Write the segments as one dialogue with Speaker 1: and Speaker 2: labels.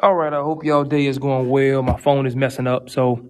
Speaker 1: All right, I hope y'all day is going well. My phone is messing up, so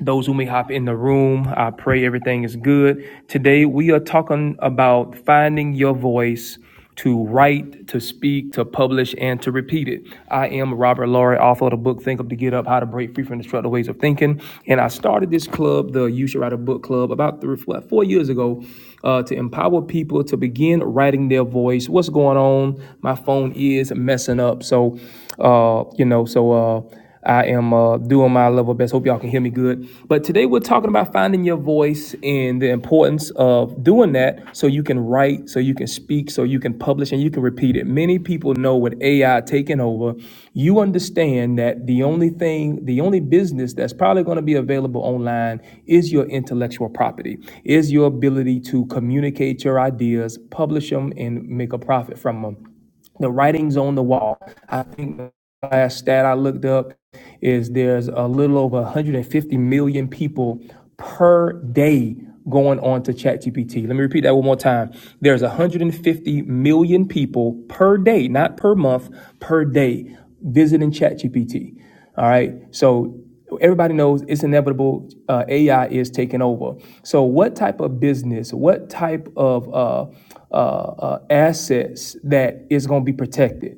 Speaker 1: those who may hop in the room, I pray everything is good. Today, we are talking about finding your voice to write, to speak, to publish, and to repeat it. I am Robert Laurie, author of the book Think Up to Get Up How to Break Free from Destructive Ways of Thinking. And I started this club, the You Should Write a Book Club, about three, four years ago uh, to empower people to begin writing their voice. What's going on? My phone is messing up. So, uh, you know, so. Uh, I am uh, doing my level best. Hope y'all can hear me good. But today we're talking about finding your voice and the importance of doing that so you can write, so you can speak, so you can publish, and you can repeat it. Many people know with AI taking over, you understand that the only thing, the only business that's probably going to be available online is your intellectual property, is your ability to communicate your ideas, publish them, and make a profit from them the writing's on the wall. I think the last stat I looked up is there's a little over 150 million people per day going on to ChatGPT. Let me repeat that one more time. There's 150 million people per day, not per month, per day visiting ChatGPT. All right. So everybody knows it's inevitable uh, ai is taking over so what type of business what type of uh, uh, uh, assets that is going to be protected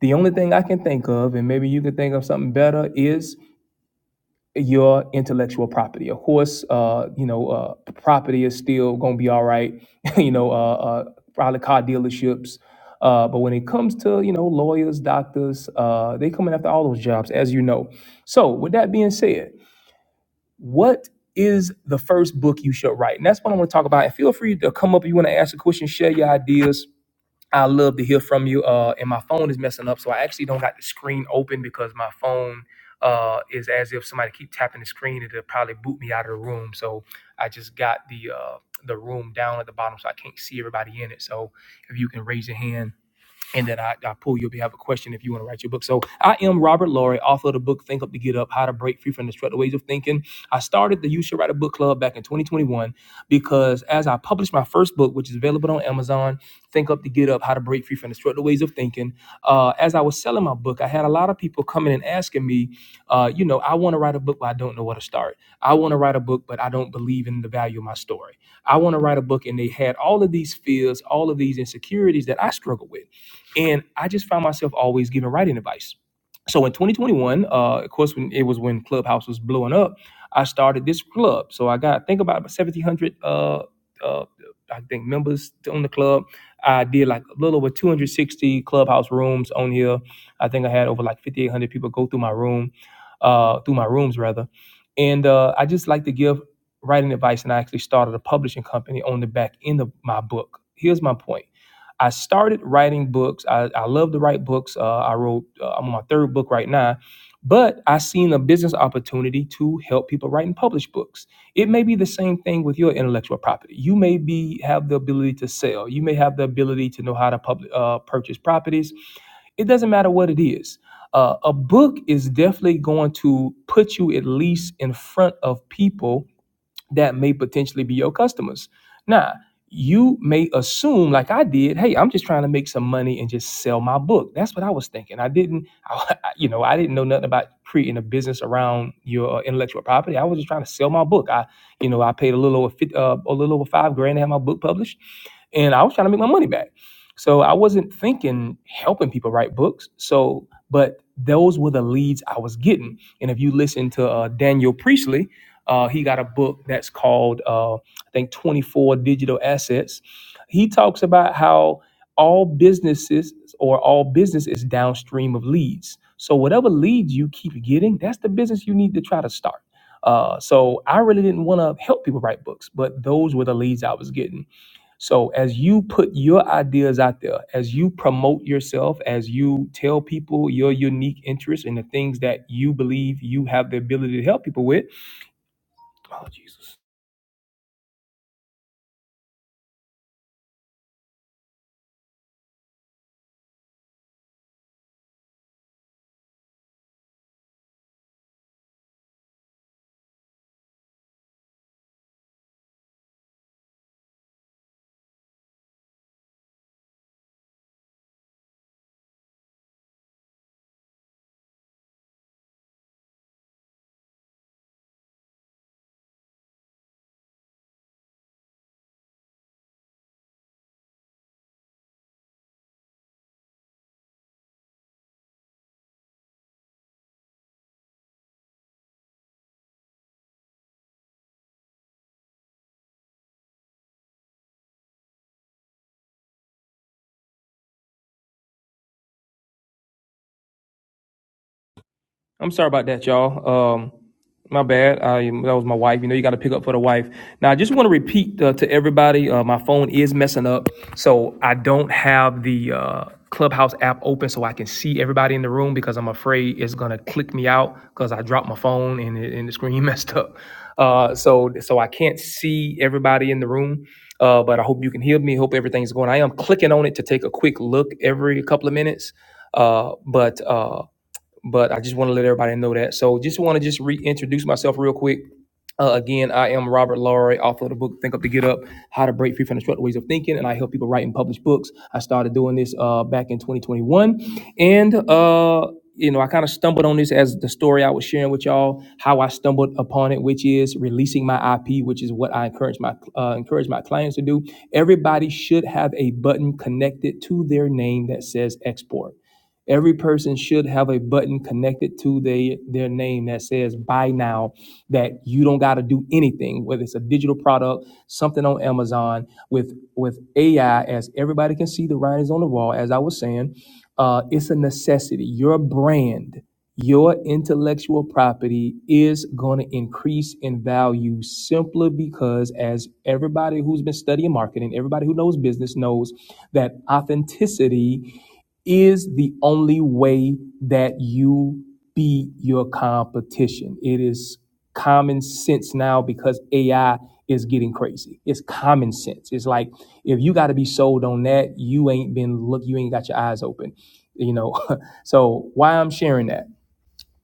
Speaker 1: the only thing i can think of and maybe you can think of something better is your intellectual property of course uh, you know uh, property is still going to be all right you know uh, uh, probably car dealerships uh, but when it comes to you know lawyers doctors uh, they coming after all those jobs as you know so with that being said what is the first book you should write? And that's what I want to talk about. And feel free to come up if you want to ask a question, share your ideas. I love to hear from you. Uh, and my phone is messing up, so I actually don't got the screen open because my phone uh, is as if somebody keep tapping the screen and it'll probably boot me out of the room. So I just got the uh, the room down at the bottom, so I can't see everybody in it. So if you can raise your hand and that I, I pull you up. You have a question if you want to write your book. So I am Robert Laurie, author of the book Think Up to Get Up: How to Break Free from Destructive Ways of Thinking. I started the You Should Write a Book Club back in 2021 because as I published my first book, which is available on Amazon, Think Up to Get Up: How to Break Free from Destructive Ways of Thinking. Uh, as I was selling my book, I had a lot of people coming and asking me, uh, you know, I want to write a book, but I don't know where to start. I want to write a book, but I don't believe in the value of my story. I want to write a book, and they had all of these fears, all of these insecurities that I struggle with. And I just found myself always giving writing advice. So in 2021, uh, of course, when it was when Clubhouse was blowing up, I started this club. So I got, I think about 1,700, uh, uh, I think members on the club. I did like a little over 260 Clubhouse rooms on here. I think I had over like 5,800 people go through my room, uh, through my rooms rather. And uh, I just like to give writing advice, and I actually started a publishing company on the back end of my book. Here's my point I started writing books. I, I love to write books. Uh, I wrote, uh, I'm on my third book right now, but I seen a business opportunity to help people write and publish books. It may be the same thing with your intellectual property. You may be have the ability to sell. You may have the ability to know how to public, uh, purchase properties. It doesn't matter what it is. Uh, a book is definitely going to put you at least in front of people that may potentially be your customers. Now, you may assume, like I did, hey, I'm just trying to make some money and just sell my book. That's what I was thinking. I didn't, I, you know, I didn't know nothing about creating a business around your uh, intellectual property. I was just trying to sell my book. I, you know, I paid a little over fif- uh, a little over five grand to have my book published, and I was trying to make my money back. So I wasn't thinking helping people write books. So, but those were the leads I was getting. And if you listen to uh, Daniel Priestley, uh, he got a book that's called, uh, I think, 24 Digital Assets. He talks about how all businesses or all business is downstream of leads. So whatever leads you keep getting, that's the business you need to try to start. Uh, so I really didn't want to help people write books, but those were the leads I was getting. So as you put your ideas out there, as you promote yourself, as you tell people your unique interests and the things that you believe you have the ability to help people with, oh Jesus I'm sorry about that, y'all. Um, my bad. I, that was my wife. You know, you got to pick up for the wife. Now, I just want to repeat uh, to everybody. Uh, my phone is messing up, so I don't have the uh, Clubhouse app open so I can see everybody in the room because I'm afraid it's gonna click me out because I dropped my phone and, it, and the screen messed up. Uh, so, so I can't see everybody in the room. Uh, but I hope you can hear me. Hope everything's going. I am clicking on it to take a quick look every couple of minutes. Uh, but uh but I just want to let everybody know that. So just want to just reintroduce myself real quick. Uh, again, I am Robert Laurie, author of the book Think Up to Get Up, How to Break Free from Destructive Ways of Thinking, and I help people write and publish books. I started doing this uh, back in 2021, and uh, you know I kind of stumbled on this as the story I was sharing with y'all, how I stumbled upon it, which is releasing my IP, which is what I encourage my uh, encourage my clients to do. Everybody should have a button connected to their name that says export. Every person should have a button connected to their their name that says buy now that you don't got to do anything whether it's a digital product, something on Amazon with with AI as everybody can see the writing's on the wall as I was saying, uh, it's a necessity. Your brand, your intellectual property is going to increase in value simply because as everybody who's been studying marketing, everybody who knows business knows that authenticity is the only way that you beat your competition. It is common sense now because AI is getting crazy. It's common sense. It's like if you got to be sold on that, you ain't been look, you ain't got your eyes open, you know. so why I'm sharing that?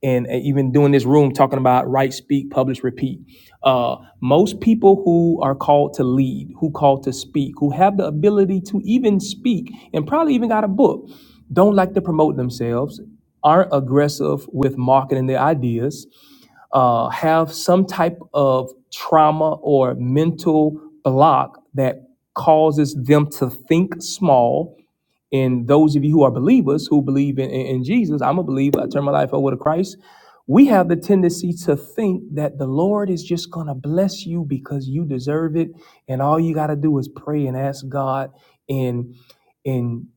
Speaker 1: and uh, even doing this room talking about write, speak, publish, repeat. Uh, most people who are called to lead, who called to speak, who have the ability to even speak, and probably even got a book, don't like to promote themselves, aren't aggressive with marketing their ideas, uh, have some type of trauma or mental block that causes them to think small and those of you who are believers who believe in, in, in Jesus, I'm a believer, I turn my life over to Christ. We have the tendency to think that the Lord is just going to bless you because you deserve it. And all you got to do is pray and ask God. And, and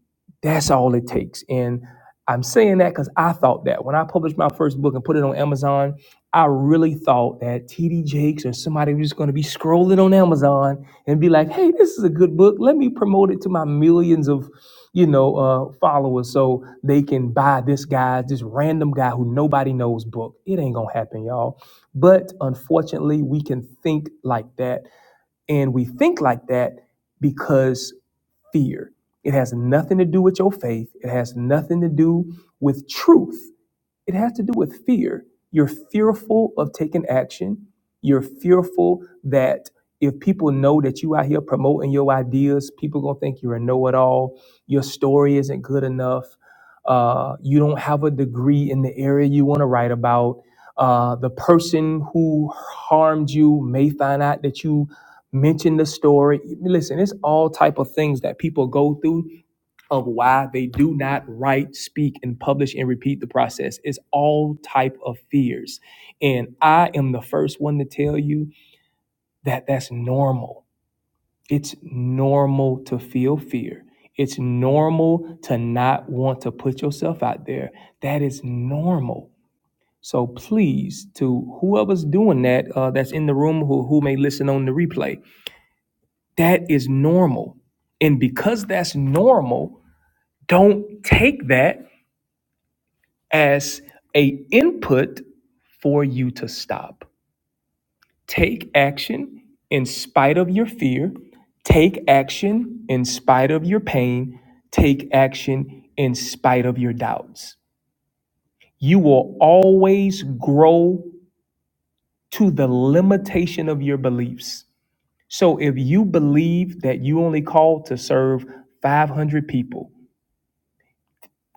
Speaker 1: that's all it takes. And I'm saying that because I thought that when I published my first book and put it on Amazon, I really thought that TD Jakes or somebody was just going to be scrolling on Amazon and be like, hey, this is a good book. Let me promote it to my millions of you know, uh, followers so they can buy this guy, this random guy who nobody knows book. It ain't gonna happen, y'all. But unfortunately, we can think like that, and we think like that because fear. It has nothing to do with your faith. It has nothing to do with truth. It has to do with fear. You're fearful of taking action. You're fearful that if people know that you out here promoting your ideas, people gonna think you're a know-it-all. Your story isn't good enough. Uh, you don't have a degree in the area you want to write about. Uh, the person who harmed you may find out that you mentioned the story. Listen, it's all type of things that people go through of why they do not write, speak, and publish and repeat the process. It's all type of fears. And I am the first one to tell you that that's normal. It's normal to feel fear. It's normal to not want to put yourself out there. That is normal. So please, to whoever's doing that, uh, that's in the room, who, who may listen on the replay, that is normal. And because that's normal, don't take that as a input for you to stop. Take action in spite of your fear. Take action in spite of your pain. Take action in spite of your doubts. You will always grow to the limitation of your beliefs. So if you believe that you only called to serve 500 people,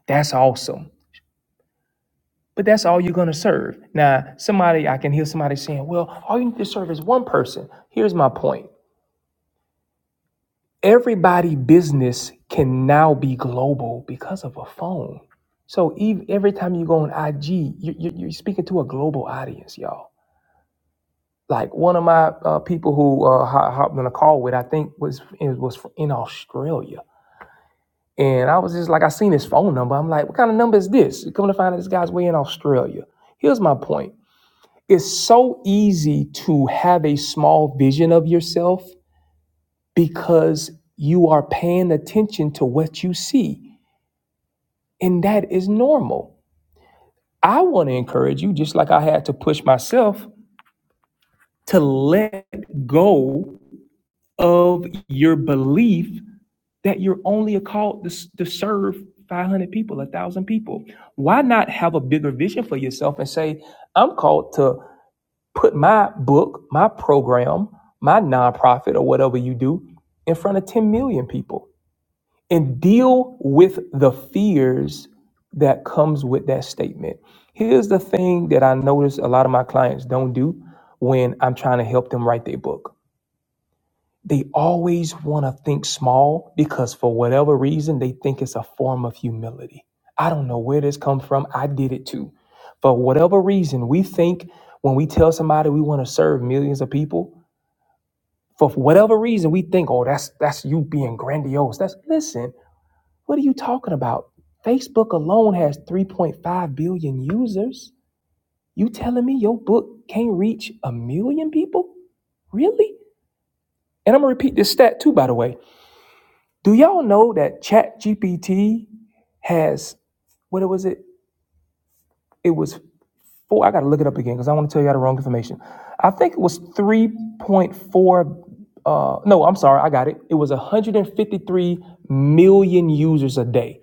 Speaker 1: that's awesome But that's all you're going to serve. Now, somebody, I can hear somebody saying, well, all you need to serve is one person. Here's my point everybody business can now be global because of a phone. So ev every time you go on IG, you, you, you're speaking to a global audience, y'all. Like one of my uh, people who uh, ho- hopped on a call with, I think was it was fr- in Australia, and I was just like, I seen his phone number. I'm like, what kind of number is this? Come to find out, this guy's way in Australia. Here's my point it's so easy to have a small vision of yourself because you are paying attention to what you see. And that is normal. I want to encourage you, just like I had to push myself, to let go of your belief that you're only called to, to serve 500 people, 1,000 people. Why not have a bigger vision for yourself and say, I'm called to put my book, my program, my nonprofit, or whatever you do in front of 10 million people and deal with the fears that comes with that statement. Here's the thing that I notice a lot of my clients don't do when I'm trying to help them write their book. They always want to think small because for whatever reason they think it's a form of humility. I don't know where this come from. I did it too. For whatever reason, we think when we tell somebody we want to serve millions of people, for whatever reason we think, "Oh, that's that's you being grandiose." That's listen, what are you talking about? Facebook alone has 3.5 billion users. You telling me your book can't reach a million people? Really? And I'm gonna repeat this stat too, by the way. Do y'all know that Chat GPT has what was it? It was four. I gotta look it up again because I want to tell you the wrong information. I think it was three point four. Uh, no, I'm sorry, I got it. It was 153 million users a day.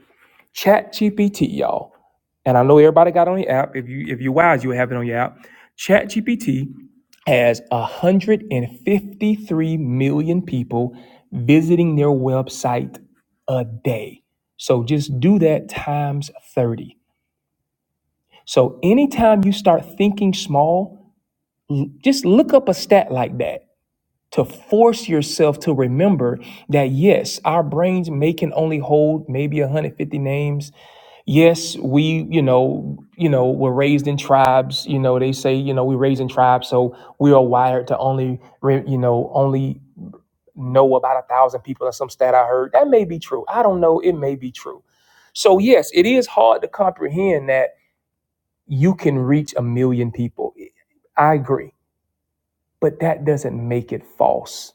Speaker 1: Chat GPT, y'all and I know everybody got on the app. If you if you wise, you have it on your app. ChatGPT has 153 million people visiting their website a day. So just do that times 30. So anytime you start thinking small, l- just look up a stat like that to force yourself to remember that yes, our brains may can only hold maybe 150 names yes we you know you know we're raised in tribes you know they say you know we're raised in tribes so we are wired to only re- you know only know about a thousand people or some stat i heard that may be true i don't know it may be true so yes it is hard to comprehend that you can reach a million people i agree but that doesn't make it false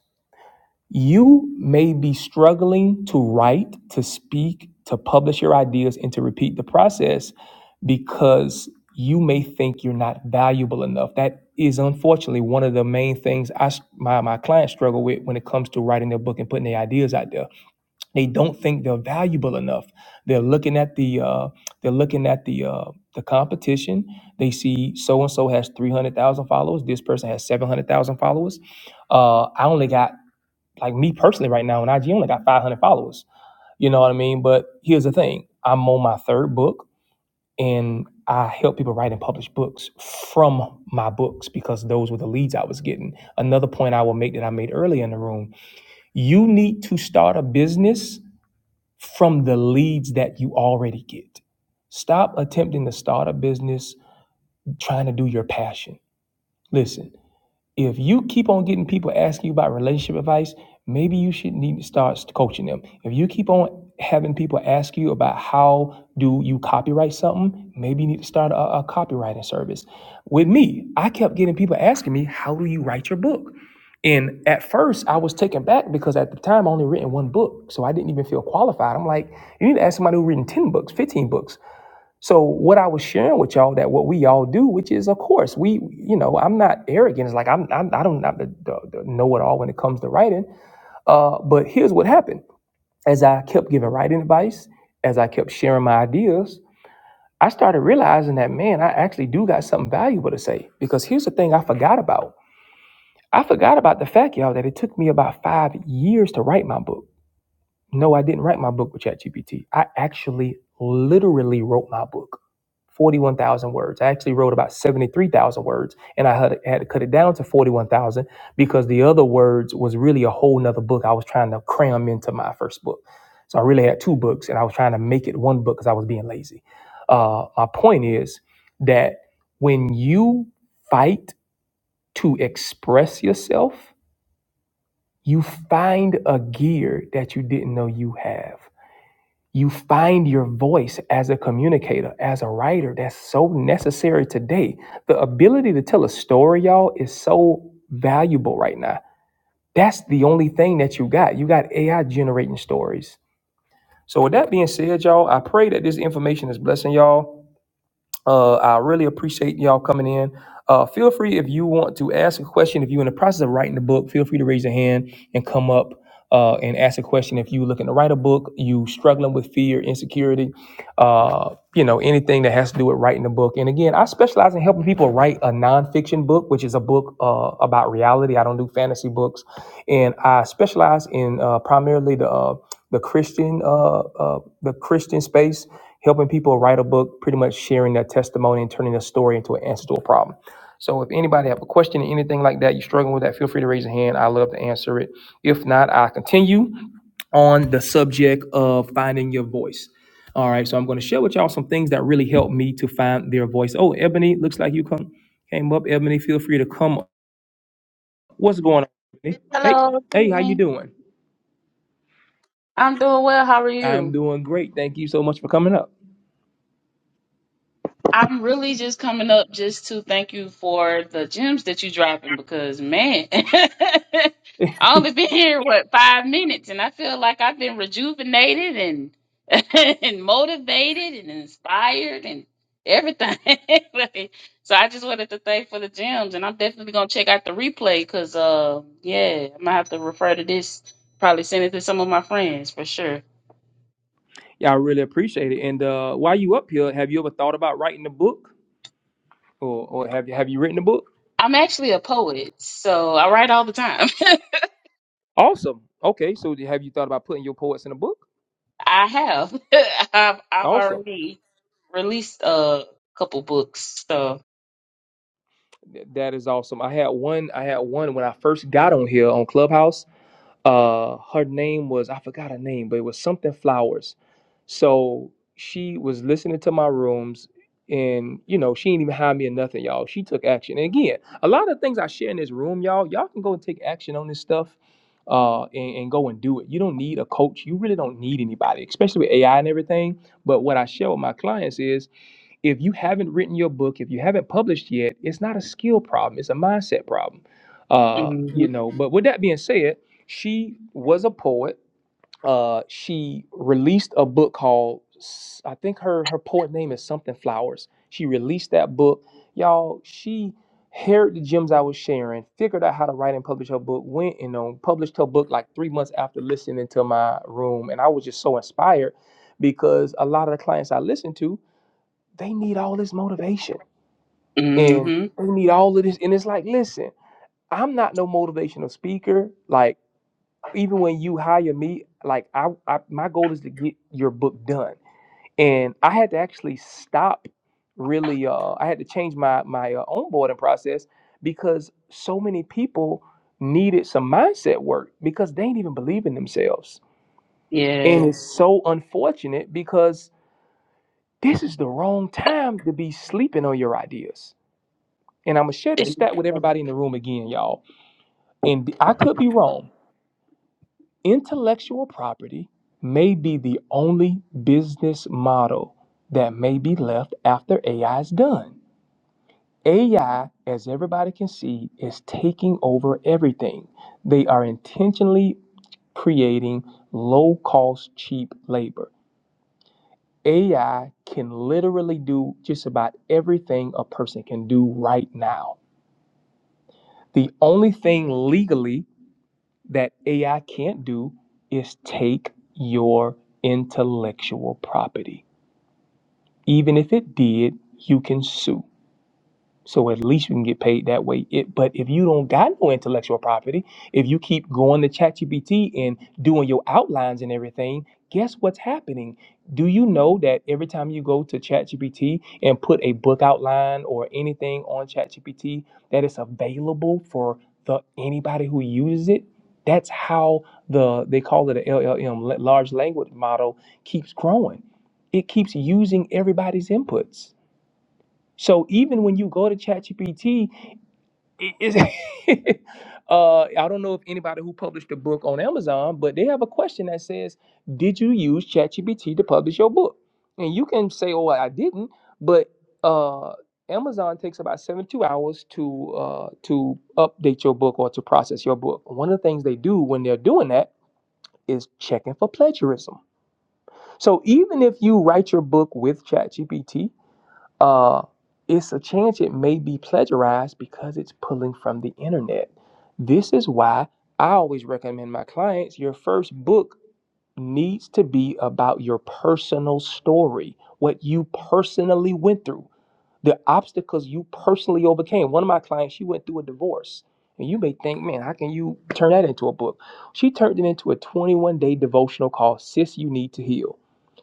Speaker 1: you may be struggling to write, to speak, to publish your ideas, and to repeat the process because you may think you're not valuable enough. That is unfortunately one of the main things I, my, my clients struggle with when it comes to writing their book and putting their ideas out there. They don't think they're valuable enough. They're looking at the uh, they're looking at the uh, the competition. They see so and so has three hundred thousand followers. This person has seven hundred thousand followers uh, I only got like me personally right now on IG only got 500 followers. You know what I mean? But here's the thing: I'm on my third book, and I help people write and publish books from my books because those were the leads I was getting. Another point I will make that I made earlier in the room: you need to start a business from the leads that you already get. Stop attempting to start a business trying to do your passion. Listen. If you keep on getting people asking you about relationship advice, maybe you should need to start coaching them. If you keep on having people ask you about how do you copyright something, maybe you need to start a, a copywriting service. With me, I kept getting people asking me, how do you write your book? And at first, I was taken back because at the time I only written one book, so I didn't even feel qualified. I'm like, you need to ask somebody who written ten books, fifteen books. So what I was sharing with y'all that what we all do, which is of course we, you know, I'm not arrogant. It's like I'm, I'm I don't not the, the, the know it all when it comes to writing. Uh, but here's what happened: as I kept giving writing advice, as I kept sharing my ideas, I started realizing that man, I actually do got something valuable to say. Because here's the thing I forgot about: I forgot about the fact, y'all, that it took me about five years to write my book. No, I didn't write my book with ChatGPT. I actually literally wrote my book, 41,000 words. I actually wrote about 73,000 words and I had, had to cut it down to 41,000 because the other words was really a whole nother book I was trying to cram into my first book. So I really had two books and I was trying to make it one book because I was being lazy. Uh, my point is that when you fight to express yourself, you find a gear that you didn't know you have. You find your voice as a communicator, as a writer. That's so necessary today. The ability to tell a story, y'all, is so valuable right now. That's the only thing that you got. You got AI generating stories. So, with that being said, y'all, I pray that this information is blessing y'all. Uh, I really appreciate y'all coming in. Uh, feel free if you want to ask a question. If you're in the process of writing the book, feel free to raise your hand and come up uh, and ask a question. If you're looking to write a book, you struggling with fear, insecurity, uh, you know anything that has to do with writing a book. And again, I specialize in helping people write a nonfiction book, which is a book uh, about reality. I don't do fantasy books, and I specialize in uh, primarily the uh, the Christian uh, uh, the Christian space helping people write a book, pretty much sharing their testimony and turning their story into an answer to a problem. So if anybody have a question or anything like that, you're struggling with that, feel free to raise your hand. I love to answer it. If not, I continue on the subject of finding your voice. All right, so I'm going to share with y'all some things that really helped me to find their voice. Oh, Ebony, looks like you come came up. Ebony, feel free to come. up. What's going on? Ebony? Hey,
Speaker 2: Hello, good
Speaker 1: hey, how you
Speaker 2: evening.
Speaker 1: doing?
Speaker 2: I'm doing well. How are
Speaker 1: I'm
Speaker 2: you?
Speaker 1: doing great. Thank you so much for coming up.
Speaker 2: I'm really just coming up just to thank you for the gems that you dropping because man, I only been here what five minutes and I feel like I've been rejuvenated and and motivated and inspired and everything. Like, so I just wanted to thank for the gems and I'm definitely gonna check out the replay because uh yeah, I'm gonna have to refer to this, probably send it to some of my friends for sure.
Speaker 1: Yeah, I really appreciate it. And uh, while you up here, have you ever thought about writing a book, or or have you have you written a book?
Speaker 2: I'm actually a poet, so I write all the time.
Speaker 1: Awesome. Okay, so do- have you thought about putting your poets in a book?
Speaker 2: I have. I've I've
Speaker 1: Awesome.
Speaker 2: already released a couple books. So,
Speaker 1: Th- That is awesome. I had one. I had one when I first got on here on Clubhouse. Uh, her name was I forgot her name, but it was something Flowers. So she was listening to my rooms, and you know she ain't even hide me or nothing, y'all. She took action. And again, a lot of things I share in this room, y'all. Y'all can go and take action on this stuff. Uh, and, and go and do it. You don't need a coach. You really don't need anybody, especially with AI and everything. But what I share with my clients is if you haven't written your book, if you haven't published yet, it's not a skill problem, it's a mindset problem. Uh,
Speaker 2: hmm
Speaker 1: you know, but with that being said, she was a poet. Uh, she released a book called s- I think her her poet name is something flowers. She released that book. Y'all, she heard the gems I was sharing, figured out how to write and publish her book, went and um, published her book like three months after listening to my room. And I was just so inspired because a lot of the clients I listened to they need all this motivation and
Speaker 2: hmm
Speaker 1: they need all of this. And it's like, listen, I'm not no motivational speaker. Like, even when you hire me, like I, I my goal is to get your book done. And I had to actually stop really uh I had to change my my uh, onboarding process because so many people needed some mindset work because they didn't even believe in themselves. And
Speaker 2: yeah.
Speaker 1: it's so unfortunate because this is the wrong time to be sleeping on your ideas And I'm gonna share this stat with everybody in the room again, y'all. And I could be wrong. Intellectual property may be the only business model that may be left after AI is done. AI, as everybody can see, is taking over everything. They are intentionally creating low cost, cheap labor. AI can literally do just about everything a person can do right now. The only thing legally that AI can't do is take your intellectual property. Even if it did, you can sue. So at least you can get paid that way. It, but if you don't got no intellectual property, if you keep going to ChatGPT and doing your outlines and everything, guess what's happening? Do you know that every time you go to ChatGPT and put a book outline or anything on ChatGPT, that it's available for the anybody who uses it? That's how the they call it a LLM, la- large language model, keeps growing. It keeps using everybody's inputs so even when you go to ChatGPT, it, it's- uh, I don't know if anybody who published a book on Amazon, but they have a question that says, "Did you use ChatGPT to publish your book?" And you can say, "Oh, I didn't," but uh, Amazon takes about seventy-two hours to uh, to update your book or to process your book. One of the things they do when they're doing that is checking for plagiarism. So even if you write your book with ChatGPT, uh, it's a chance it may be plagiarized because it's pulling from the internet. This is why I always recommend my clients your first book needs to be about your personal story, what you personally went through, the obstacles you personally overcame. One of my clients, she went through a divorce. And you may think, man, how can you turn that into a book? She turned it into a 21 day devotional called Sis You Need to Heal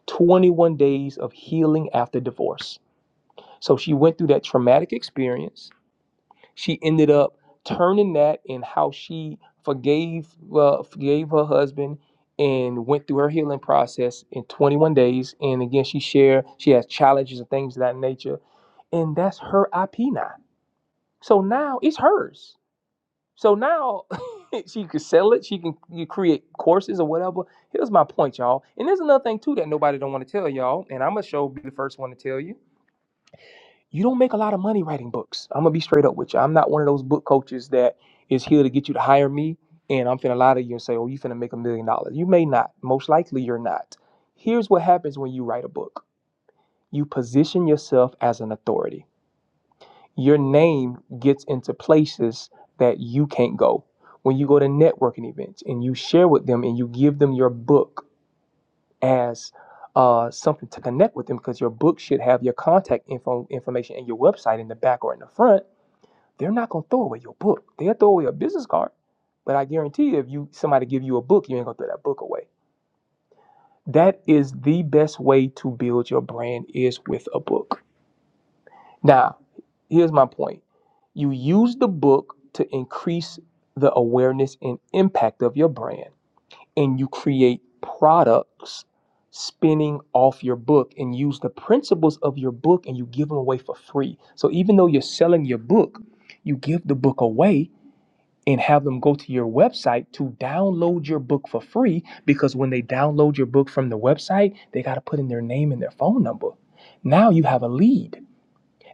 Speaker 1: 21 Days of Healing After Divorce. So she went through that traumatic experience. She ended up turning that in how she forgave uh, forgave her husband and went through her healing process in 21 days. And again, she shared she has challenges and things of that nature, and that's her IP now. So now it's hers. So now she could sell it. She can you create courses or whatever. Here's my point, y'all. And there's another thing too that nobody don't want to tell y'all, and I'm gonna show be the first one to tell you you don't make a lot of money writing books. I'm gonna be straight up with you. I'm not one of those book coaches that is here to get you to hire me and I'm finna lie to you and say, oh, you finna make a million dollars. You may not. Most likely you're not. Here's what happens when you write a book. You position yourself as an authority. Your name gets into places that you can't go. When you go to networking events and you share with them and you give them your book as uh, something to connect with them because your book should have your contact info information and your website in the back or in the front they're not gonna throw away your book. They'll throw away a business card. But I guarantee you, if you somebody give you a book, you ain't gonna throw that book away. That is the best way to build your brand is with a book. Now, here's my point. You use the book to increase the awareness and impact of your brand, and you create products spinning off your book and use the principles of your book and you give them away for free. So even though you're selling your book, you give the book away and have them go to your website to download your book for free because when they download your book from the website, they got to put in their name and their phone number. Now you have a lead.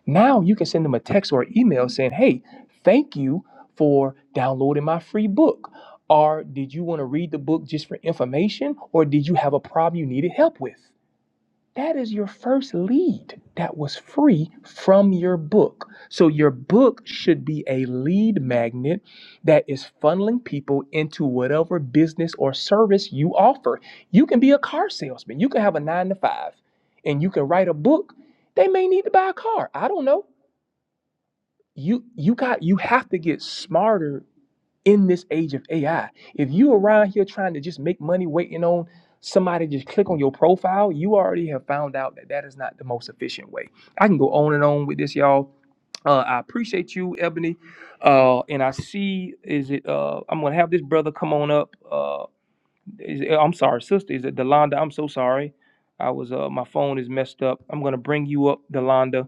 Speaker 1: Now you can send them a text or email saying, Hey, thank you for downloading my free book. Or did you want to read the book just for information? Or did you have a problem you needed help with? That is your first lead that was free from your book. So, your book should be a lead magnet that is funneling people into whatever business or service you offer. You can be a car salesman, you can have a nine to five, and you can write a book. They may need to buy a car. I don't know. You you got you have to get smarter in this age of AI. If you around here trying to just make money waiting on somebody to just click on your profile, you already have found out that that is not the most efficient way. I can go on and on with this, y'all. Uh, I appreciate you, Ebony. Uh, and I see, is it, uh, I'm going to have this brother come on up. Uh, is, I'm sorry, sister. Is it Delonda? I'm so sorry. I was uh my phone is messed up. I'm gonna bring you up, Delonda.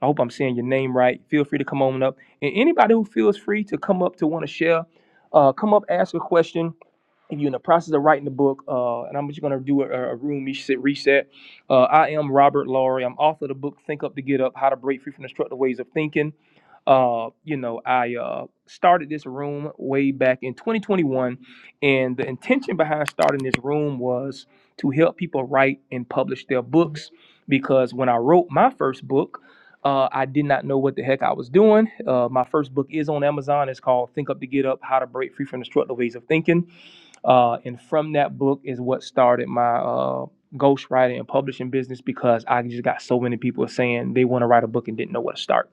Speaker 1: I hope I'm saying your name right. Feel free to come on up. And anybody who feels free to come up to want to share, uh, come up, ask a question if you're in the process of writing the book, uh, and I'm just going to do a, a room reset. reset. Uh, I am Robert Laurie. I'm author of the book Think Up to Get Up: How to Break Free from Destructive Ways of Thinking. Uh, you know, I uh, started this room way back in 2021, and the intention behind starting this room was to help people write and publish their books. Because when I wrote my first book, uh, I did not know what the heck I was doing. Uh, my first book is on Amazon. It's called Think Up to Get Up: How to Break Free from Destructive Ways of Thinking uh, and from that book is what started my uh, ghostwriting and publishing business because I just got so many people saying they want to write a book and didn't know where to start.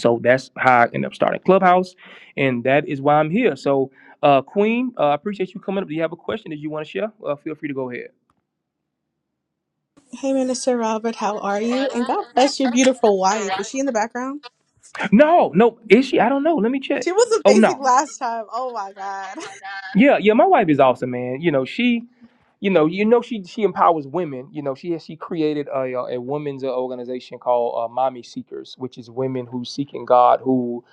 Speaker 1: So that's how I ended up starting Clubhouse, and that is why I'm here. So, uh, Queen, uh, I appreciate you coming up. Do you have a question that you want to share? Uh, feel free to go ahead.
Speaker 3: Hey, Minister Robert, how are you? And God bless your beautiful wife. Is she in the background?
Speaker 1: No, no, is she? I don't know. Let me check.
Speaker 3: She was
Speaker 1: Oh
Speaker 3: amazing
Speaker 1: no.
Speaker 3: last time. Oh my God.
Speaker 1: Yeah, yeah, my wife is awesome, man. You know, she you know, you know, she she empowers women. You know, she she created a a, a women's organization called uh, Mommy Seekers, which is women who seeking God who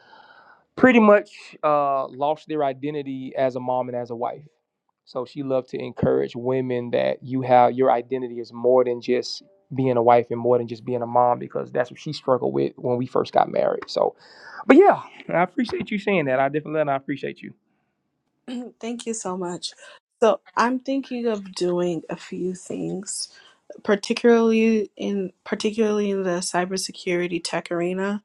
Speaker 1: pretty much uh, lost their identity as a mom and as a wife. So she loved to encourage women that you have your identity is more than just being a wife and more than just being a mom because that's what she struggled with when we first got married. So, but yeah, I appreciate you saying that. I definitely I appreciate you.
Speaker 3: Thank you so much. So, I'm thinking of doing a few things, particularly in particularly in the cybersecurity tech arena.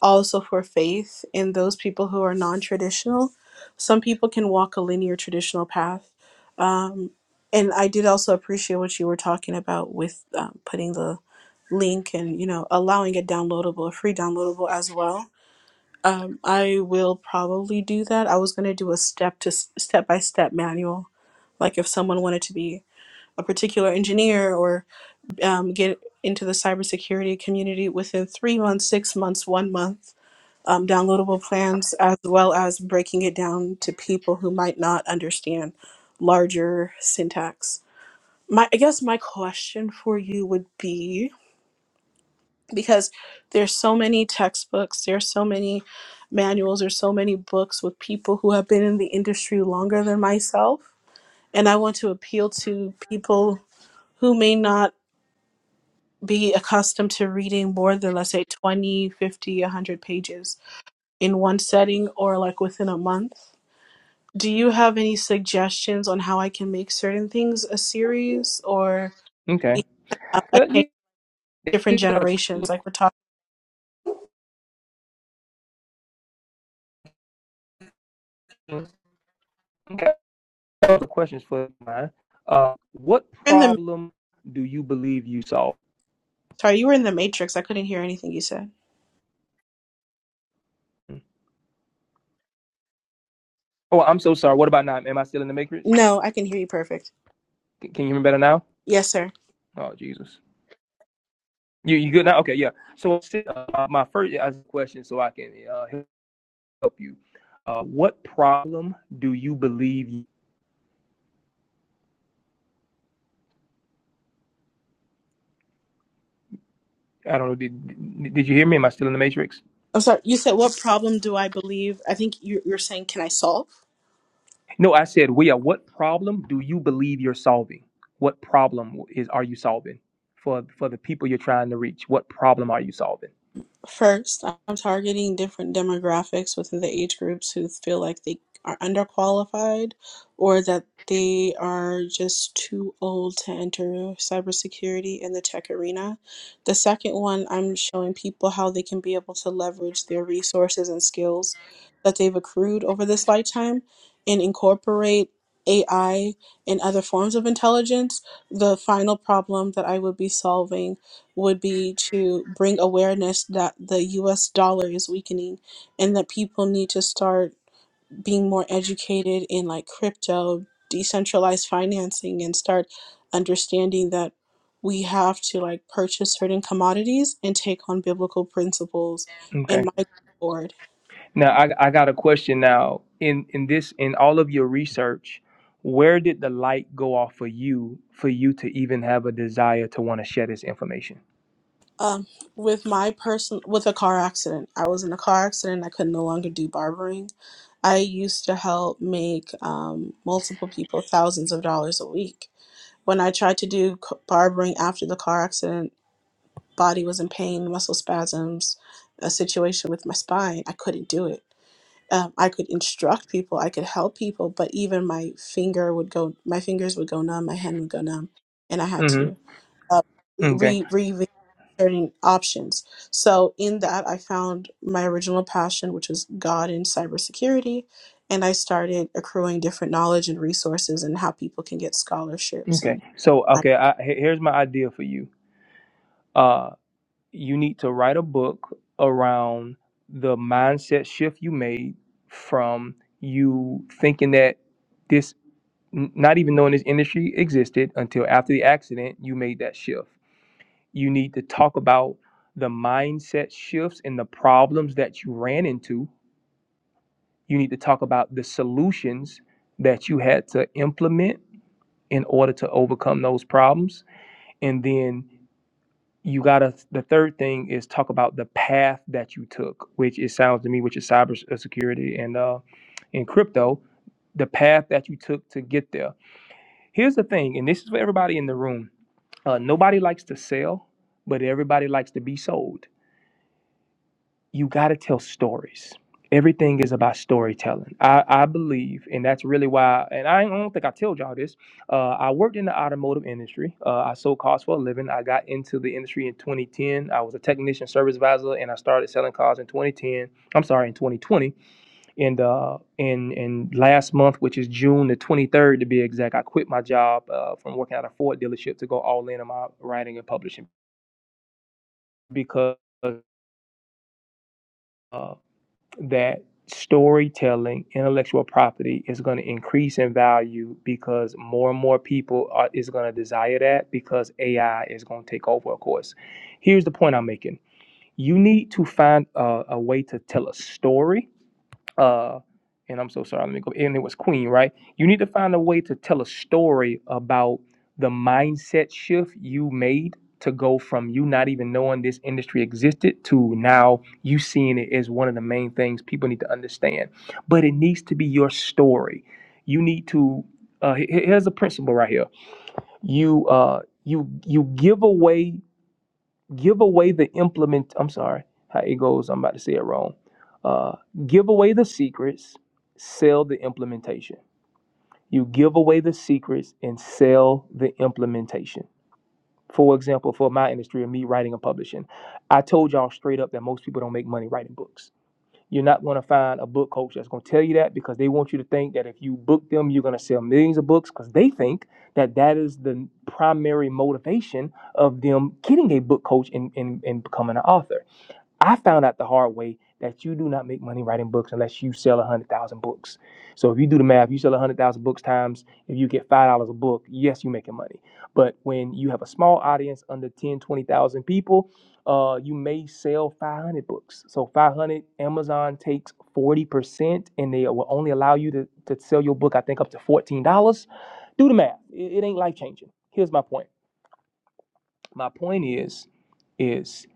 Speaker 3: also for faith and those people who are non-traditional some people can walk a linear traditional path um, and i did also appreciate what you were talking about with um, putting the link and you know allowing it downloadable a free downloadable as well um, i will probably do that i was going to do a step to step by step manual like if someone wanted to be a particular engineer or um, get into the cybersecurity community within three months six months one month um, downloadable plans as well as breaking it down to people who might not understand larger syntax. My, I guess my question for you would be because there's so many textbooks, there's so many manuals, there's so many books with people who have been in the industry longer than myself, and I want to appeal to people who may not be accustomed to reading more than let's say 20, 50, 100 pages in one setting or like within a month do you have any suggestions on how I can make certain things a series or
Speaker 1: Okay.
Speaker 3: even um,
Speaker 1: Yeah,
Speaker 3: attain different
Speaker 1: yeah.
Speaker 3: generations? Like we're talking
Speaker 1: Okay. The questions for mine. Uh, what
Speaker 3: you're in the
Speaker 1: problem do you believe you solved?
Speaker 3: sorry, you were in the Matrix. I couldn't hear anything you said.
Speaker 1: Oh, I'm so sorry. What about now? Am I still in the matrix?
Speaker 3: No, I can hear you perfect.
Speaker 1: Can, can you hear me better now?
Speaker 3: Yes, sir.
Speaker 1: Oh, Jesus. You you good now? Okay, yeah. So uh, my first question, so I can uh, help you. Uh, what problem do you believe? You, I don't know. Did, did you hear me? Am I still in the matrix?
Speaker 3: I'm sorry. You said what problem do I believe? I think you, you're saying can I solve?
Speaker 1: No, I said we are. What problem do you believe you're solving? What problem is are you solving for for the people you're trying to reach? What problem are you solving?
Speaker 3: First, I'm targeting different demographics within the age groups who feel like they are underqualified or that they are just too old to enter cybersecurity in the tech arena. The second one, I'm showing people how they can be able to leverage their resources and skills that they've accrued over this lifetime and incorporate AI and other forms of intelligence. The final problem that I would be solving would be to bring awareness that the US dollar is weakening and that people need to start being more educated in like crypto, decentralized financing, and start understanding that we have to like purchase certain commodities and take on biblical principles
Speaker 1: Okay.
Speaker 3: and my board.
Speaker 1: Now, I, I got a question now. In in this in all of your research, where did the light go off for you for you to even have a desire to want to share this information?
Speaker 3: Um, with my person with a car accident, I was in a car accident. I could no longer do barbering. I used to help make um, multiple people thousands of dollars a week When I tried to do c- barbering after the car accident, body was in pain, muscle spasms, a situation with my spine. I couldn't do it. Um, I could instruct people, I could help people, but even my finger would go, my fingers would go numb, my hand would go numb, and I had
Speaker 1: hmm
Speaker 3: to uh, re
Speaker 1: Okay.
Speaker 3: re re re- certain options. So in that, I found my original passion, which was God and cybersecurity, and I started accruing different knowledge and resources and how people can get scholarships
Speaker 1: Okay.
Speaker 3: and
Speaker 1: So, okay, I, he- here's my idea for you. Uh, you need to write a book around the mindset shift you made from you thinking that this n- not even knowing this industry existed until after the accident you made that shift You need to talk about the mindset shifts and the problems that you ran into. You need to talk about the solutions that you had to implement in order to overcome those problems. And then you got to, the third thing is talk about the path that you took, which it sounds to me, which is cybersecurity and uh, in crypto, the path that you took to get there. Here's the thing, and this is for everybody in the room uh, nobody likes to sell, but everybody likes to be sold. you got to tell stories. Everything is about storytelling. I, I believe, and that's really why. And I don't think I told y'all this. Uh, I worked in the automotive industry. Uh, I sold cars for a living. I got into the industry in 2010. I was a technician service advisor, and I started selling cars in 2010. I'm sorry, in 2020. And uh, and and last month, which is June the 23rd to be exact, I quit my job uh, from working at a Ford dealership to go all in on my writing and publishing because. Uh, that storytelling intellectual property is going to increase in value because more and more people are, is going to desire that because ai is going to take over of course here's the point i'm making you need to find a, a way to tell a story uh and i'm so sorry let me go and it was queen right you need to find a way to tell a story about the mindset shift you made to go from you not even knowing this industry existed to now you seeing it as one of the main things people need to understand but it needs to be your story you need to uh he- he- here's a principle right here you uh you you give away give away the implement i'm sorry how it goes i'm about to say it wrong uh, give away the secrets sell the implementation you give away the secrets and sell the implementation for example for my industry of me writing and publishing i told y'all straight up that most people don't make money writing books you're not going to find a book coach that's going to tell you that because they want you to think that if you book them, you're going to sell millions of books because they think that that is the primary motivation of them getting a book coach and, and, and becoming an author. I found out the hard way that you do not make money writing books unless you sell 100,000 books. So if you do the math, you sell 100,000 books times, if you get $5 a book, yes, you're making money. But when you have a small audience under 10, 20,000 people, uh, you may sell 500 books. So 500, Amazon takes 40% and they will only allow you to, to sell your book, I think, up to $14. Do the math. It, it ain't life changing. Here's my point. My point is, is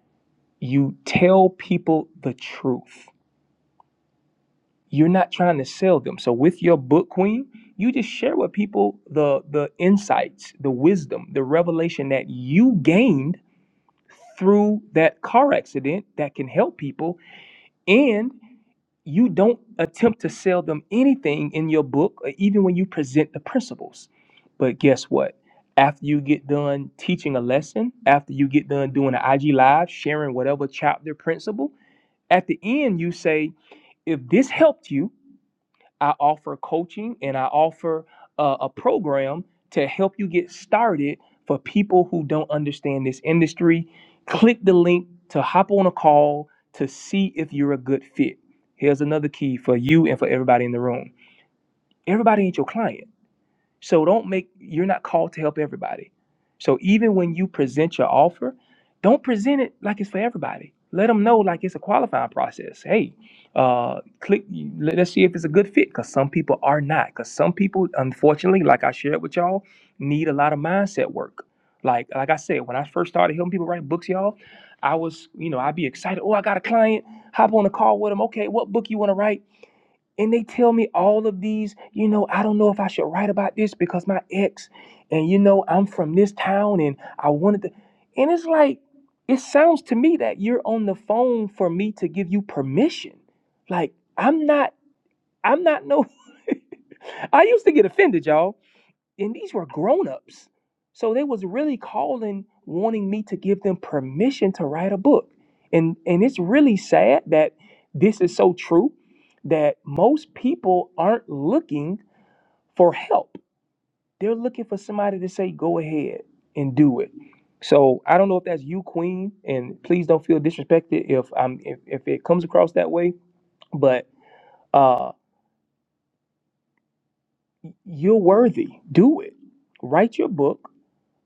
Speaker 1: you tell people the truth you're not trying to sell them so with your book queen you just share with people the the insights the wisdom the revelation that you gained through that car accident that can help people and you don't attempt to sell them anything in your book or even when you present the principles but guess what after you get done teaching a lesson after you get done doing an ig live sharing whatever chapter principle at the end you say if this helped you I offer coaching and I offer uh, a program to help you get started for people who don't understand this industry. Click the link to hop on a call to see if you're a good fit. Here's another key for you and for everybody in the room. Everybody ain't your client so don't make you're not called to help everybody. So even when you present your offer, don't present it like it's for everybody. Let them know like it's a qualifying process. Hey, uh, click. let- Let's see if it's a good fit. Cause some people are not. Cause some people, unfortunately, like I shared with y'all, need a lot of mindset work. Like like I said, when I first started helping people write books, y'all, I was you know I'd be excited. Oh, I got a client. Hop on the call with them. Okay, what book you want to write? and they tell me all of these you know i don't know if i should write about this because my ex and you know i'm from this town and i wanted to and it's like it sounds to me that you're on the phone for me to give you permission like i'm not i'm not no i used to get offended y'all and these were grown-ups so they was really calling wanting me to give them permission to write a book and and it's really sad that this is so true that most people aren't looking for help they're looking for somebody to say go ahead and do it so i don't know if that's you queen and please don't feel disrespected if i'm if, if it comes across that way but uh you're worthy do it write your book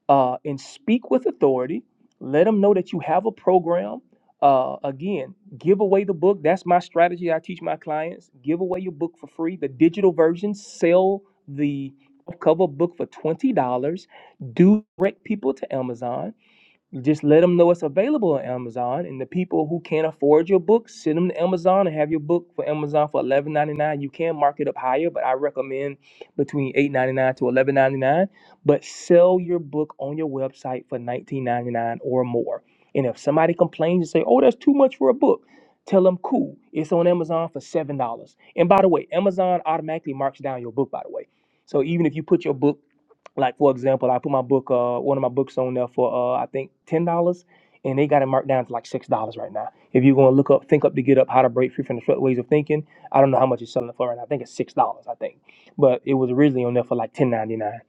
Speaker 1: uh, and speak with authority. Let them know that you have a program. Uh, again, give away the book. That's my strategy. I teach my clients give away your book for free. The digital version, sell the cover book for twenty dollars. Do direct people to Amazon just let them know it's available on Amazon. And the people who can't afford your book, send them to Amazon and have your book for Amazon for eleven ninety nine. You can mark it up higher, but I recommend between eight ninety nine to eleven ninety nine. But sell your book on your website for nineteen ninety nine or more. And if somebody complains and say, "Oh, that's too much for a book," tell them, "Cool, it's on Amazon for seven dollars." And by the way, Amazon automatically marks down your book. By the way, so even if you put your book like for example, I put my book, uh, one of my books on there for uh, I think ten dollars, and they got it marked down to like six dollars right now. If you're gonna look up, think up to get up, how to break free from the short ways of thinking, I don't know how much it's selling it for right now. I think it's six dollars, I think, but it was originally on there for like ten ninety nine.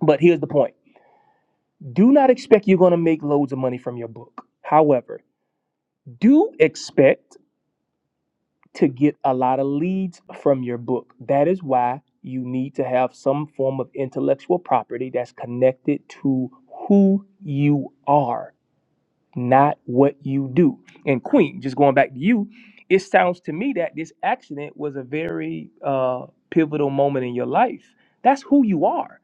Speaker 1: But here's the point: do not expect you're gonna make loads of money from your book. However, do expect to get a lot of leads from your book. That is why you need to have some form of intellectual property that's connected to who you are, not what you do. And Queen, just going back to you, it sounds to me that this accident was a very uh, pivotal moment in your life. That's who you are.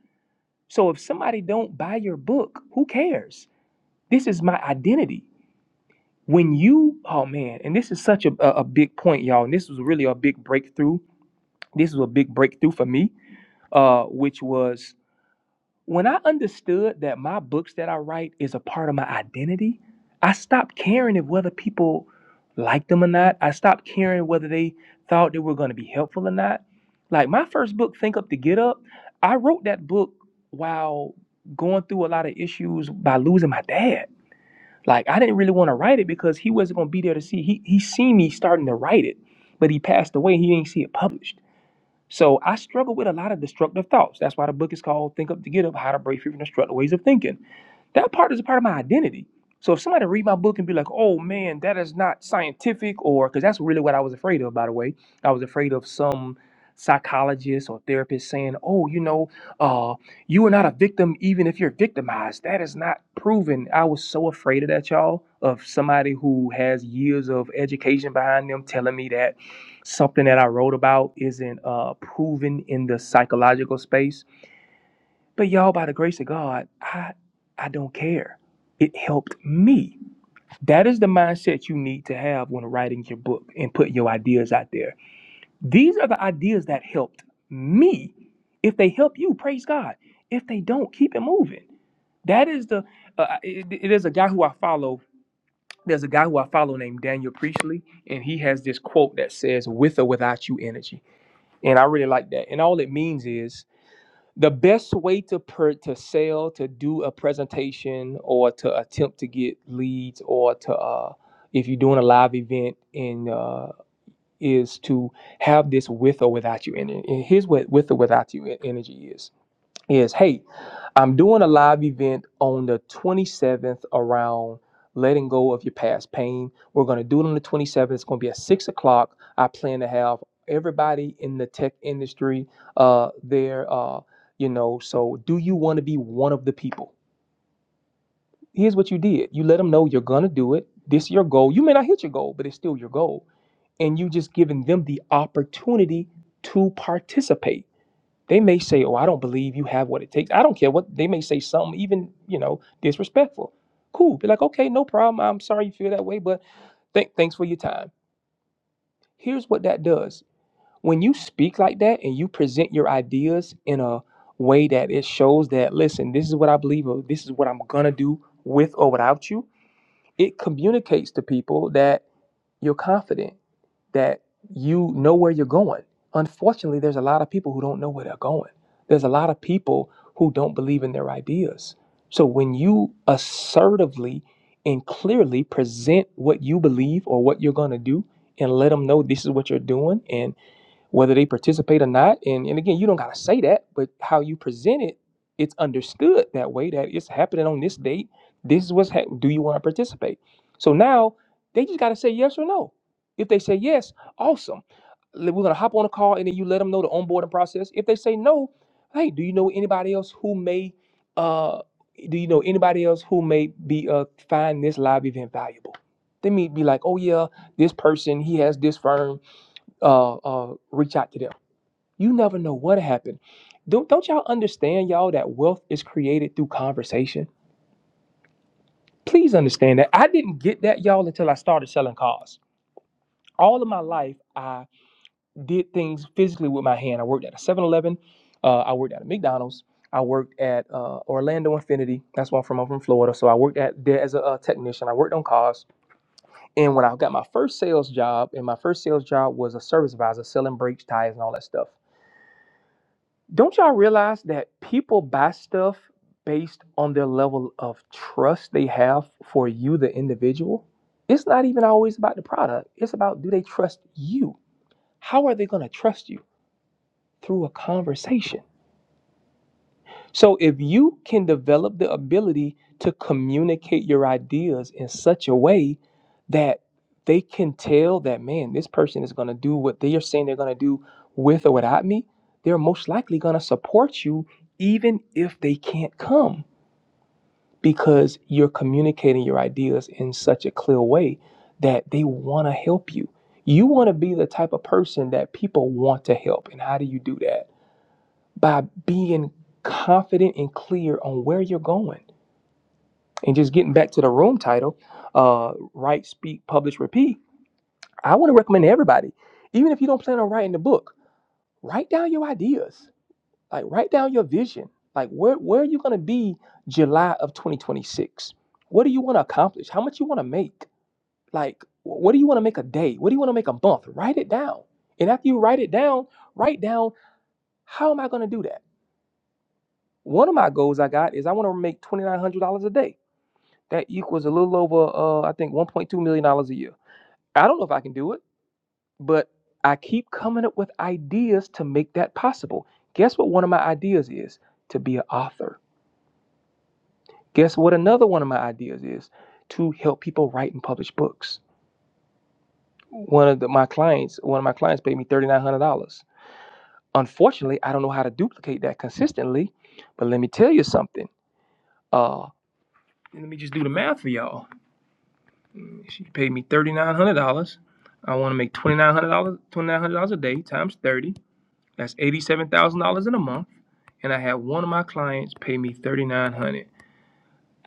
Speaker 1: So if somebody don't buy your book, who cares? This is my identity. When you, oh man, and this is such a, a a big point, y'all, and this was really a big breakthrough this was a big breakthrough for me, uh, which was when I understood that my books that I write is a part of my identity, I stopped caring if whether people liked them or not. I stopped caring whether they thought they were going to be helpful or not. Like my first book, Think Up to Get Up, I wrote that book while going through a lot of issues by losing my dad. Like I didn't really want to write it because he wasn't going to be there to see. He he seen me starting to write it, but he passed away. He didn't see it published. So I struggle with a lot of destructive thoughts. That's why the book is called Think Up to Get Up How to Break Free from Destructive Ways of Thinking that part is a part of my identity. So if somebody read my book and be like, "Oh man, that is not scientific," or because that's really what I was afraid of. By the way, I was afraid of some psychologist or therapist saying, "Oh, you know, uh, you are not a victim even if you're victimized. That is not proven." I was so afraid of that, y'all, of somebody who has years of education behind them telling me that something that I wrote about isn't uh, proven in the psychological space. But y'all, by the grace of God, I I don't care. It helped me. That is the mindset you need to have when writing your book and putting your ideas out there. These are the ideas that helped me. If they help you, praise God. If they don't, keep it moving. That is the. Uh, it, it is a guy who I follow. There's a guy who I follow named Daniel Priestley, and he has this quote that says, "With or without you, energy." And I really like that. And all it means is the best way to per to sell to do a presentation or to attempt to get leads or to uh if you're doing a live event in uh is to have this with or without you energy and here's what with or without you e- energy is is hey I'm doing a live event on the 27th around letting go of your past pain. We're going to do it on the 27th. It's going to be at 6 o'clock. I plan to have everybody in the tech industry uh, there, uh, you know. So, do you want to be one of the people? Here's what you did you let them know you're going to do it. This is your goal. You may not hit your goal, but it's still your goal. And you just giving them the opportunity to participate they may say, "Oh, I don't believe you have what it takes." I don't care what they may say. Something even you know disrespectful. Cool. Be like, okay, no problem. I'm sorry you feel that way, but th- thanks for your time. Here's what that does. When you speak like that and you present your ideas in a way that it shows that, listen, this is what I believe, or this is what I'm gonna do with or without you. It communicates to people that you're confident that you know where you're going. Unfortunately, there's a lot of people who don't know where they're going. There's a lot of people who don't believe in their ideas. So when you assertively and clearly present what you believe or what you're going to do and let them know this is what you're doing and whether they participate or not. And and again, you don't gotta say that, but how you present it, it's understood that way that it's happening on this date. This is what's happening. Do you want to participate? So now they just gotta say yes or no. If they say yes, awesome. We're gonna hop on a call and then you let them know the onboarding process. If they say no, hey, do you know anybody else who may uh do you know anybody else who may be uh find this live event valuable? They may be like, oh yeah, this person he has this firm uh, uh, reach out to them. You never know what happened. Don't, don't y'all understand, y'all, that wealth is created through conversation? Please understand that. I didn't get that, y'all, until I started selling cars. All of my life, I did things physically with my hand. I worked at a Seven Eleven. uh, I worked at a McDonald's, I worked at uh, Orlando Infinity. That's where I'm from. I'm from Florida. So I worked at there as a, uh technician. I worked on cars. And when I got my first sales job, and my first sales job was a service advisor selling brakes, tires, and all that stuff. Don't y'all realize that people buy stuff based on their level of trust they have for you, the individual? It's not even always about the product, it's about do they trust you? How are they going to trust you? Through a conversation. So if you can develop the ability to communicate your ideas in such a way that they can tell that man, this person is going to do what they are saying they're going to do with or without me, they're most likely going to support you even if they can't come because you're communicating your ideas in such a clear way that they want to help you. You want to be the type of person that people want to help. And how do you do that? by being confident and clear on where you're going. And just getting back to the room title, uh, write, speak, publish, repeat. I want to recommend to everybody, even if you don't plan on writing the book, write down your ideas. Like write down your vision. Like where where are you going to be July of 2026? What do you want to accomplish? How much you want to make? Like what do you want to make a day? What do you want to make a month? Write it down. And after you write it down, write down how am I going to do that? One of my goals I got is I want to make twenty nine hundred dollars a day. That equals a little over, uh, I think, one point two million dollars a year. I don't know if I can do it, but I keep coming up with ideas to make that possible. Guess what? One of my ideas is to be an author. Guess what? Another one of my ideas is to help people write and publish books. One of the, my clients, one of my clients, paid me thirty nine hundred dollars. Unfortunately, I don't know how to duplicate that consistently. But let me tell you something. Uh, let me just do the math for y'all She paid me thirty nine hundred dollars. I want to make twenty nine hundred dollars, twenty nine hundred dollars a day times thirty. That's eighty seven thousand dollars in a month. And I had one of my clients pay me thirty nine hundred. dollars.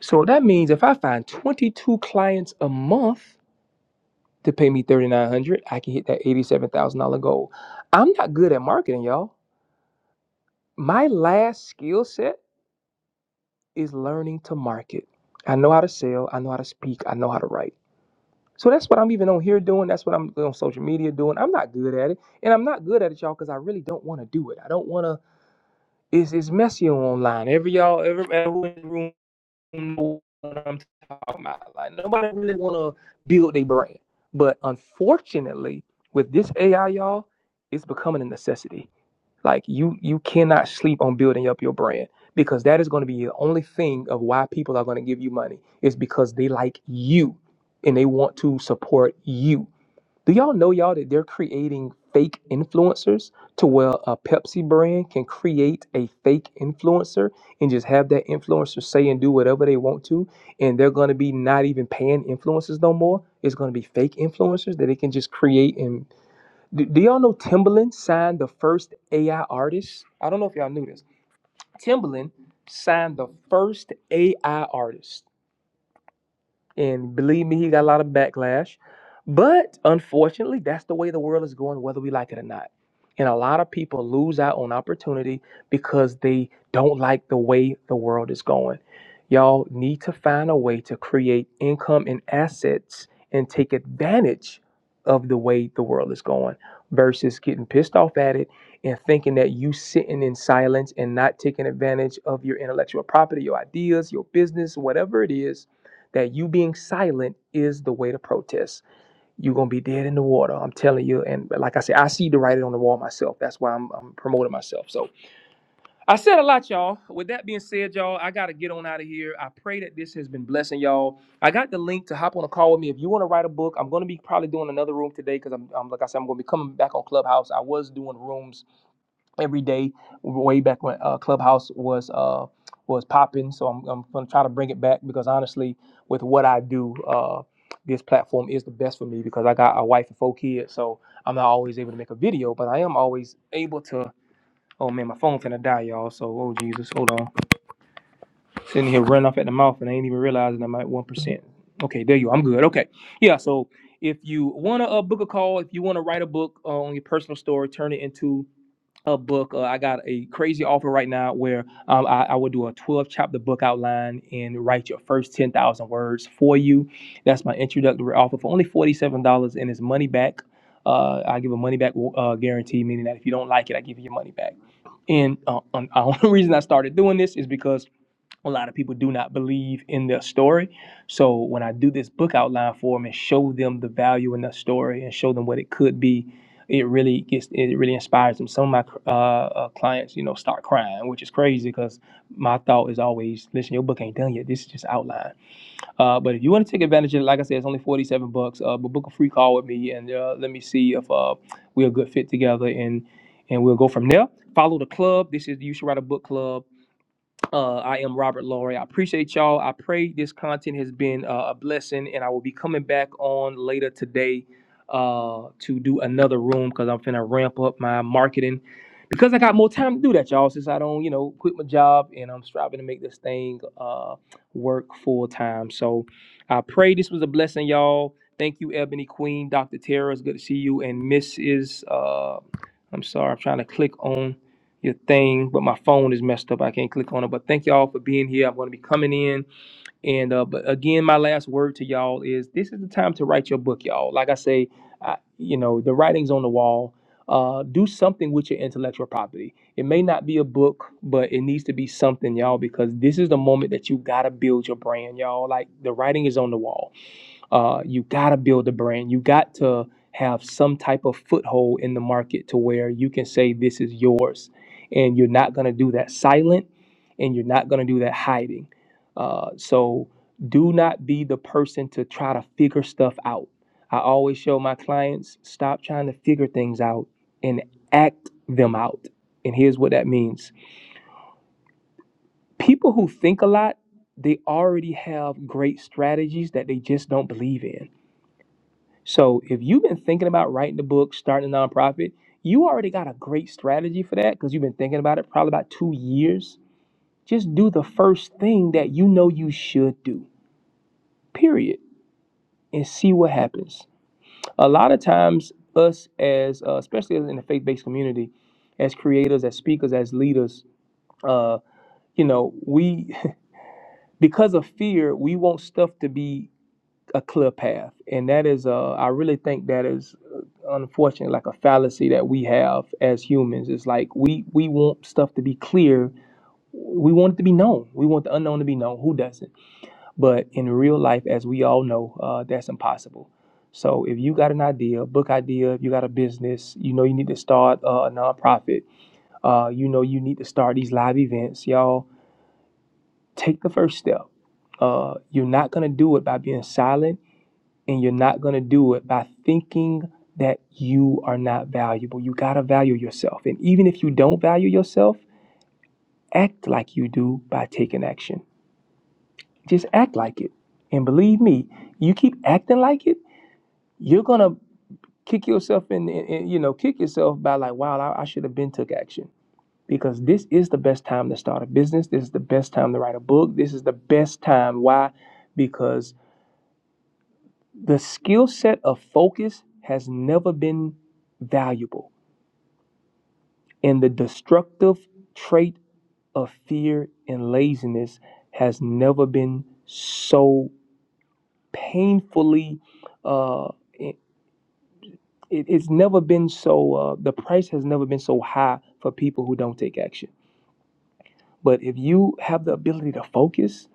Speaker 1: So that means if I find twenty two clients a month to pay me thirty nine hundred, dollars, I can hit that eighty seven thousand dollar goal. I'm not good at marketing, y'all. My last skill set is learning to market. I know how to sell. I know how to speak. I know how to write. So that's what I'm even on here doing. That's what I'm on social media doing. I'm not good at it. And I'm not good at it, y'all, because I really don't want to do it. I don't want to. It's, it's messy online. Every y'all, every everyone in the room know what I'm talking about. Like, nobody really want to build their brand. But unfortunately, with this AI, y'all, it's becoming a necessity. Like you you cannot sleep on building up your brand because that is going to be the only thing of why people are going to give you money is because they like you and they want to support you. Do y'all know y'all that they're creating fake influencers to where a Pepsi brand can create a fake influencer and just have that influencer say and do whatever they want to and they're going to be not even paying influencers no more. It's going to be fake influencers that they can just create and do, do y'all know Timbaland signed the first AI artist? I don't know if y'all knew this. Timbaland signed the first AI artist. And believe me, he got a lot of backlash. But unfortunately, that's the way the world is going, whether we like it or not. And a lot of people lose out on opportunity because they don't like the way the world is going. Y'all need to find a way to create income and assets and take advantage of the way the world is going versus getting pissed off at it and thinking that you sitting in silence and not taking advantage of your intellectual property, your ideas, your business, whatever it is that you being silent is the way to protest. You're gonna be dead in the water. I'm telling you. And like I said, I see the writing on the wall myself. That's why I'm, I'm promoting myself. So I said a lot, y'all. With that being said, y'all, I gotta get on out of here. I pray that this has been blessing y'all. I got the link to hop on a call with me if you want to write a book. I'm gonna be probably doing another room today because I'm, I'm like I said, I'm gonna be coming back on Clubhouse. I was doing rooms every day way back when uh, clubhouse was uh was popping so I'm, I'm gonna try to bring it back because honestly with what i do uh this platform is the best for me because i got a wife and four kids so i'm not always able to make a video but i am always able to oh man my phone finna die y'all so oh jesus hold on sitting here running off at the mouth and i ain't even realizing i'm at 1% okay there you are i'm good okay yeah so if you want to uh, book a call if you want to write a book uh, on your personal story turn it into a book. Uh, I got a crazy offer right now where um, I, I would do a 12 chapter book outline and write your first 10,000 words for you. That's my introductory offer for only $47 and it's money back. Uh, I give a money back uh, guarantee, meaning that if you don't like it, I give you your money back. And uh, um, the only reason I started doing this is because a lot of people do not believe in their story. So when I do this book outline for them and show them the value in their story and show them what it could be, it really gets it really inspires them. Some of my uh, uh, clients, you know, start crying, which is crazy because my thought is always, listen, your book ain't done yet. This is just outline. Uh, but if you want to take advantage of it, like I said, it's only forty seven bucks. Uh, but book a free call with me and uh, let me see if uh, we're a good fit together and and we'll go from there. Follow the club. This is the you should write a book club uh, I am Robert Laurie. I appreciate y'all. I pray this content has been uh, a blessing, and I will be coming back on later today uh, to do another room because I'm finna ramp up my marketing because I got more time to do that, y'all. Since I don't, you know, quit my job and I'm striving to make this thing uh, work full time. So I pray this was a blessing, y'all. Thank you, Ebony Queen, Dr. Tara. It's good to see you, and Mrs. Uh, I'm sorry, I'm trying to click on your thing, but my phone is messed up. I can't click on it. But thank y'all for being here. I'm going to be coming in. And uh, but again, my last word to y'all is this is the time to write your book, y'all. Like I say, I, you know, the writing's on the wall. Uh, do something with your intellectual property. It may not be a book, but it needs to be something, y'all, because this is the moment that you gotta build your brand, y'all. Like the writing is on the wall uh, you got to build a brand. You got to have some type of foothold in the market to where you can say this is yours. And you're not going to do that silent and you're not going to do that hiding. Uh, so do not be the person to try to figure stuff out. I always show my clients stop trying to figure things out and act them out. And here's what that means people who think a lot, they already have great strategies that they just don't believe in so if you've been thinking about writing the book, starting a nonprofit, you already got a great strategy for that because you've been thinking about it probably about two years. Just do the first thing that you know you should do, period, and see what happens. A lot of times, us as, uh, especially in the faith based community, as creators, as speakers, as leaders, uh, you know, we, because of fear, we want stuff to be a clear path, and that is uh, I really think that is uh, unfortunate, like a fallacy that we have as humans. It's like we we want stuff to be clear. We want it to be known. We want the unknown to be known. Who doesn't? But in real life, as we all know, uh, that's impossible. So if you got an idea, book idea, if you got a business, you know you need to start uh, a nonprofit. Uh, you know you need to start these live events, y'all. Take the first step. Uh, you're not gonna do it by being silent and you're not going to do it by thinking that you are not valuable. You got to value yourself. And even if you don't value yourself, act like you do by taking action. Just act like it. And believe me, you keep acting like it, you're going to kick yourself in, in, in- you know, kick yourself by like, wow, I, I should have been took action. Because this is the best time to start a business. This is the best time to write a book. This is the best time. Why? Because the skill set of focus has never been valuable And the destructive trait of fear and laziness has never been so painfully, uh, it, it's never been so, uh, the price has never been so high for people who don't take action. But if you have the ability to focus,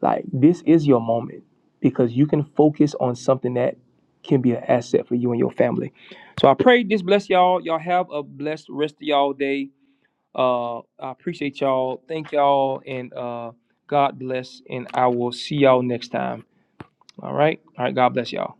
Speaker 1: like this is your moment because you can focus on something that can be an asset for you and your family. So I pray this bless y'all. Y'all have a blessed rest of y'all day. Uh, I appreciate y'all. Thank y'all, and uh, God bless. And I will see y'all next time. All right. All right. God bless y'all.